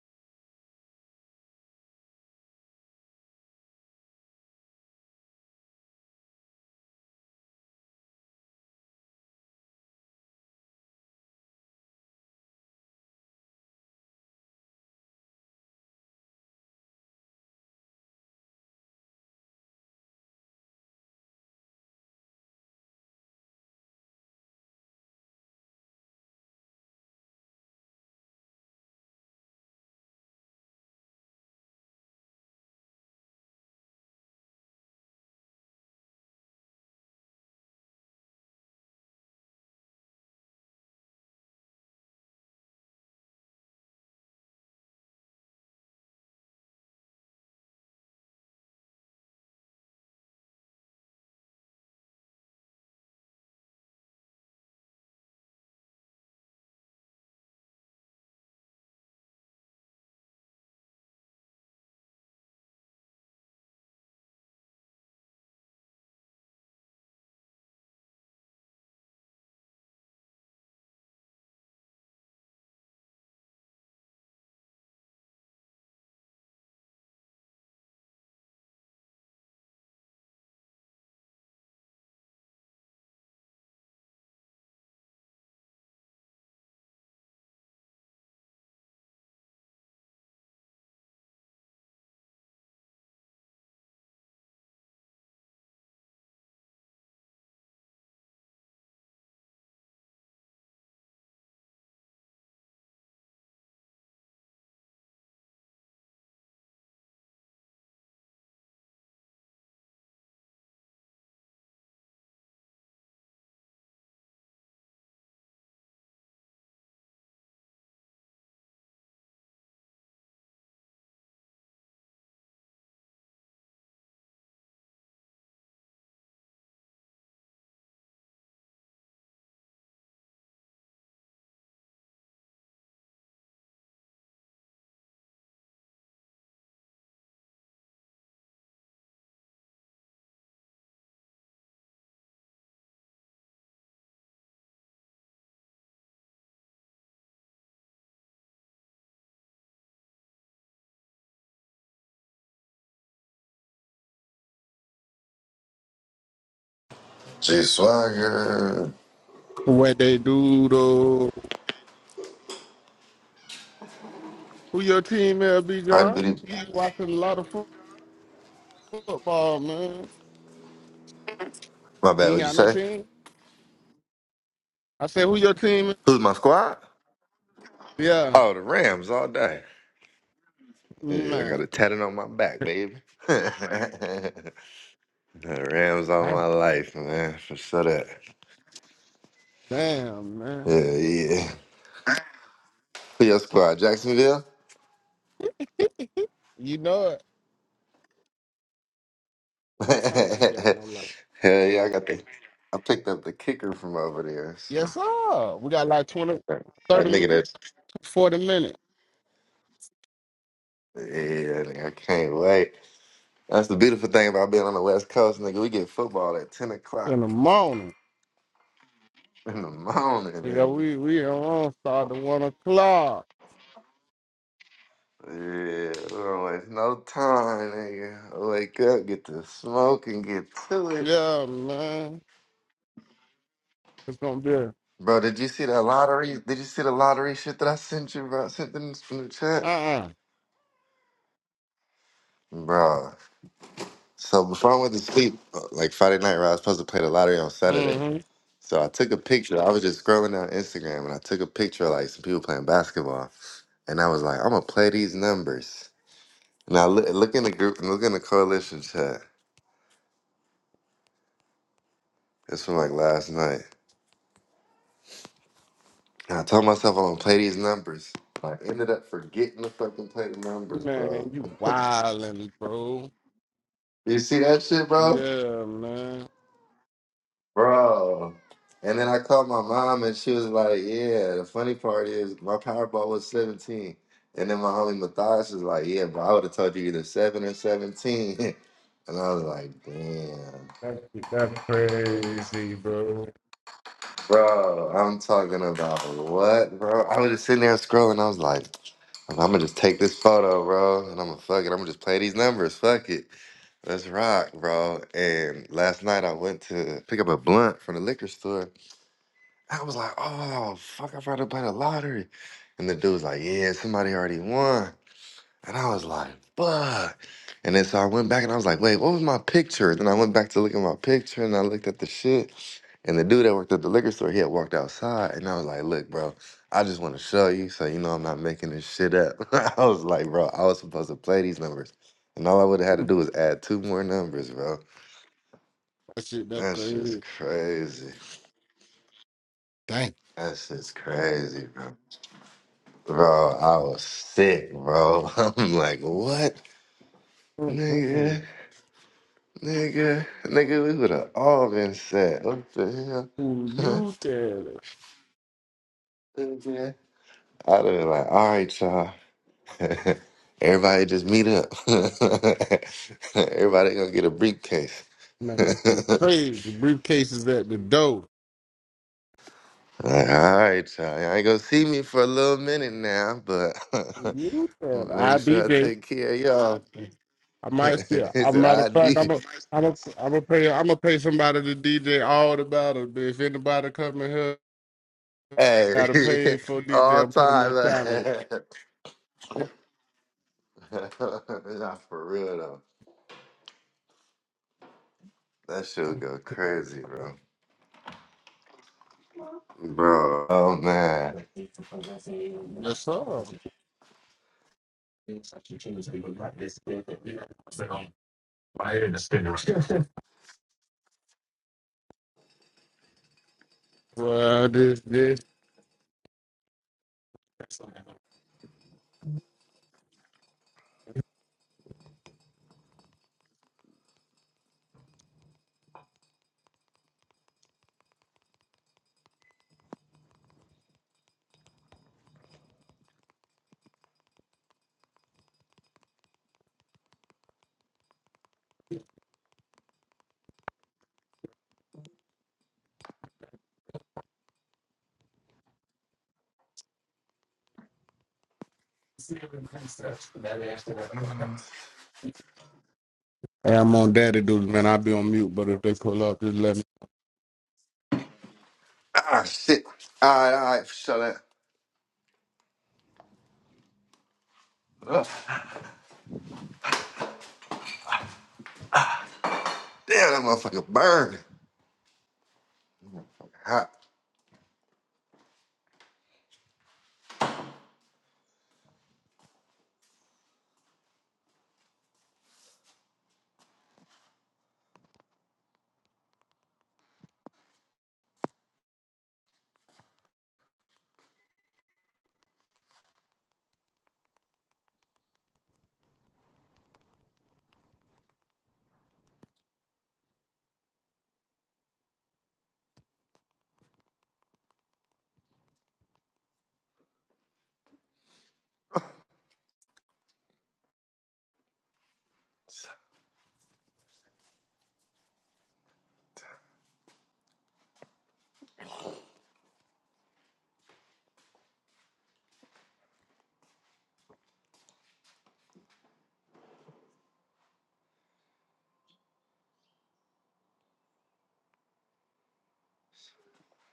G Swagger. What they do though? Who your team LB John? Hybrid. You be watching a lot of fo- football, man. My bad, You ain't what'd you got no say? team. I said, who your team? is? Who's my squad? Yeah, Oh, the Rams all day. Yeah, I man. got a tatted on my back, baby. the Rams all Damn, my life, man. For sure that. damn, man. Yeah, yeah. Who your squad? Jacksonville? You know it. I Hell I ain't got no life. yeah, I got the I picked up the kicker from over there, so Yes, sir. We got like 20, that that thirty minutes, nigga that 40 minutes yeah, nigga, I can't wait. That's the beautiful thing about being on the West Coast, nigga. We get football at ten in the o'clock. morning. In the morning, Yeah, nigga. we we on start at one o'clock. Yeah, we don't waste no time, nigga. I wake up, get the smoke and get to it. Yeah, man. It's gonna be uh Bro, did you see that lottery? Did you see the lottery shit that I sent you, bro? I sent them from the chat? uh. Bro. So before I went to sleep, uh, like Friday night, right, I was supposed to play the lottery on Saturday. Mm-hmm. So I took a picture. I was just scrolling down Instagram and I took a picture of like some people playing basketball. And I was like, I'm gonna play these numbers. And I look, look in the group and look in the coalition chat. It's from like last night. And I told myself I'm gonna play these numbers. I ended up forgetting to fucking play the numbers, bro. Man, you wildin', bro. You see that shit, bro? Yeah, man. Bro. And then I called my mom and she was like, Yeah, the funny part is my Powerball was 17. And then my homie Matthias was like, Yeah, bro, I would have told you either 7 or 17. and I was like, Damn. That shit, that's crazy, bro. Bro, I'm talking about what, bro? I was just sitting there scrolling. I was like, I'm gonna just take this photo, bro, and I'm gonna fuck it. I'm gonna just play these numbers. Fuck it. Let's rock, bro. And last night I went to pick up a blunt from the liquor store. I was like, oh, fuck, I forgot to buy the lottery. And the dude was like, yeah, somebody already won. And I was like, fuck. And then so I went back and I was like, wait, what was my picture? Then I went back to look at my picture and I looked at the shit. And the dude that worked at the liquor store, he had walked outside. And I was like, look, bro, I just want to show you so you know I'm not making this shit up. I was like, bro, I was supposed to play these numbers. And all I would have had to That do was add two more numbers, bro. shit, that's That shit's crazy. crazy. Dang. That shit's crazy, bro. Bro, I was sick, bro. I'm like, what? Mm-mm-mm. Nigga, nigga, nigga, we would have all been set. What the Who hell? you tell it? Nigga. I'd have been like, all right, y'all. Everybody just meet up. Everybody gonna get a briefcase. Man, that shit like, crazy. The briefcase is at the door. all right, y'all. Y'all ain't gonna see me for a little minute now, but I'm You tell it. gonna I make B sure I J. take care of y'all. I might still. he As a said, matter I of fact, need I'm a. I'm a, I'm a pay I'm gonna pay somebody to DJ all the battles, but if anybody come in here hey gotta pay for DJ, all I'm put them time. on salary. Man. Nah, for real though. That shit would go crazy, bro. Bro. Oh man. Yes sir. What is this, Hey, I'm on daddy dudes. man. i be on mute, but if they pull up, just let me. Ah shit. Alright, alright, shut up. Ugh. Damn that motherfucker burned. Hot.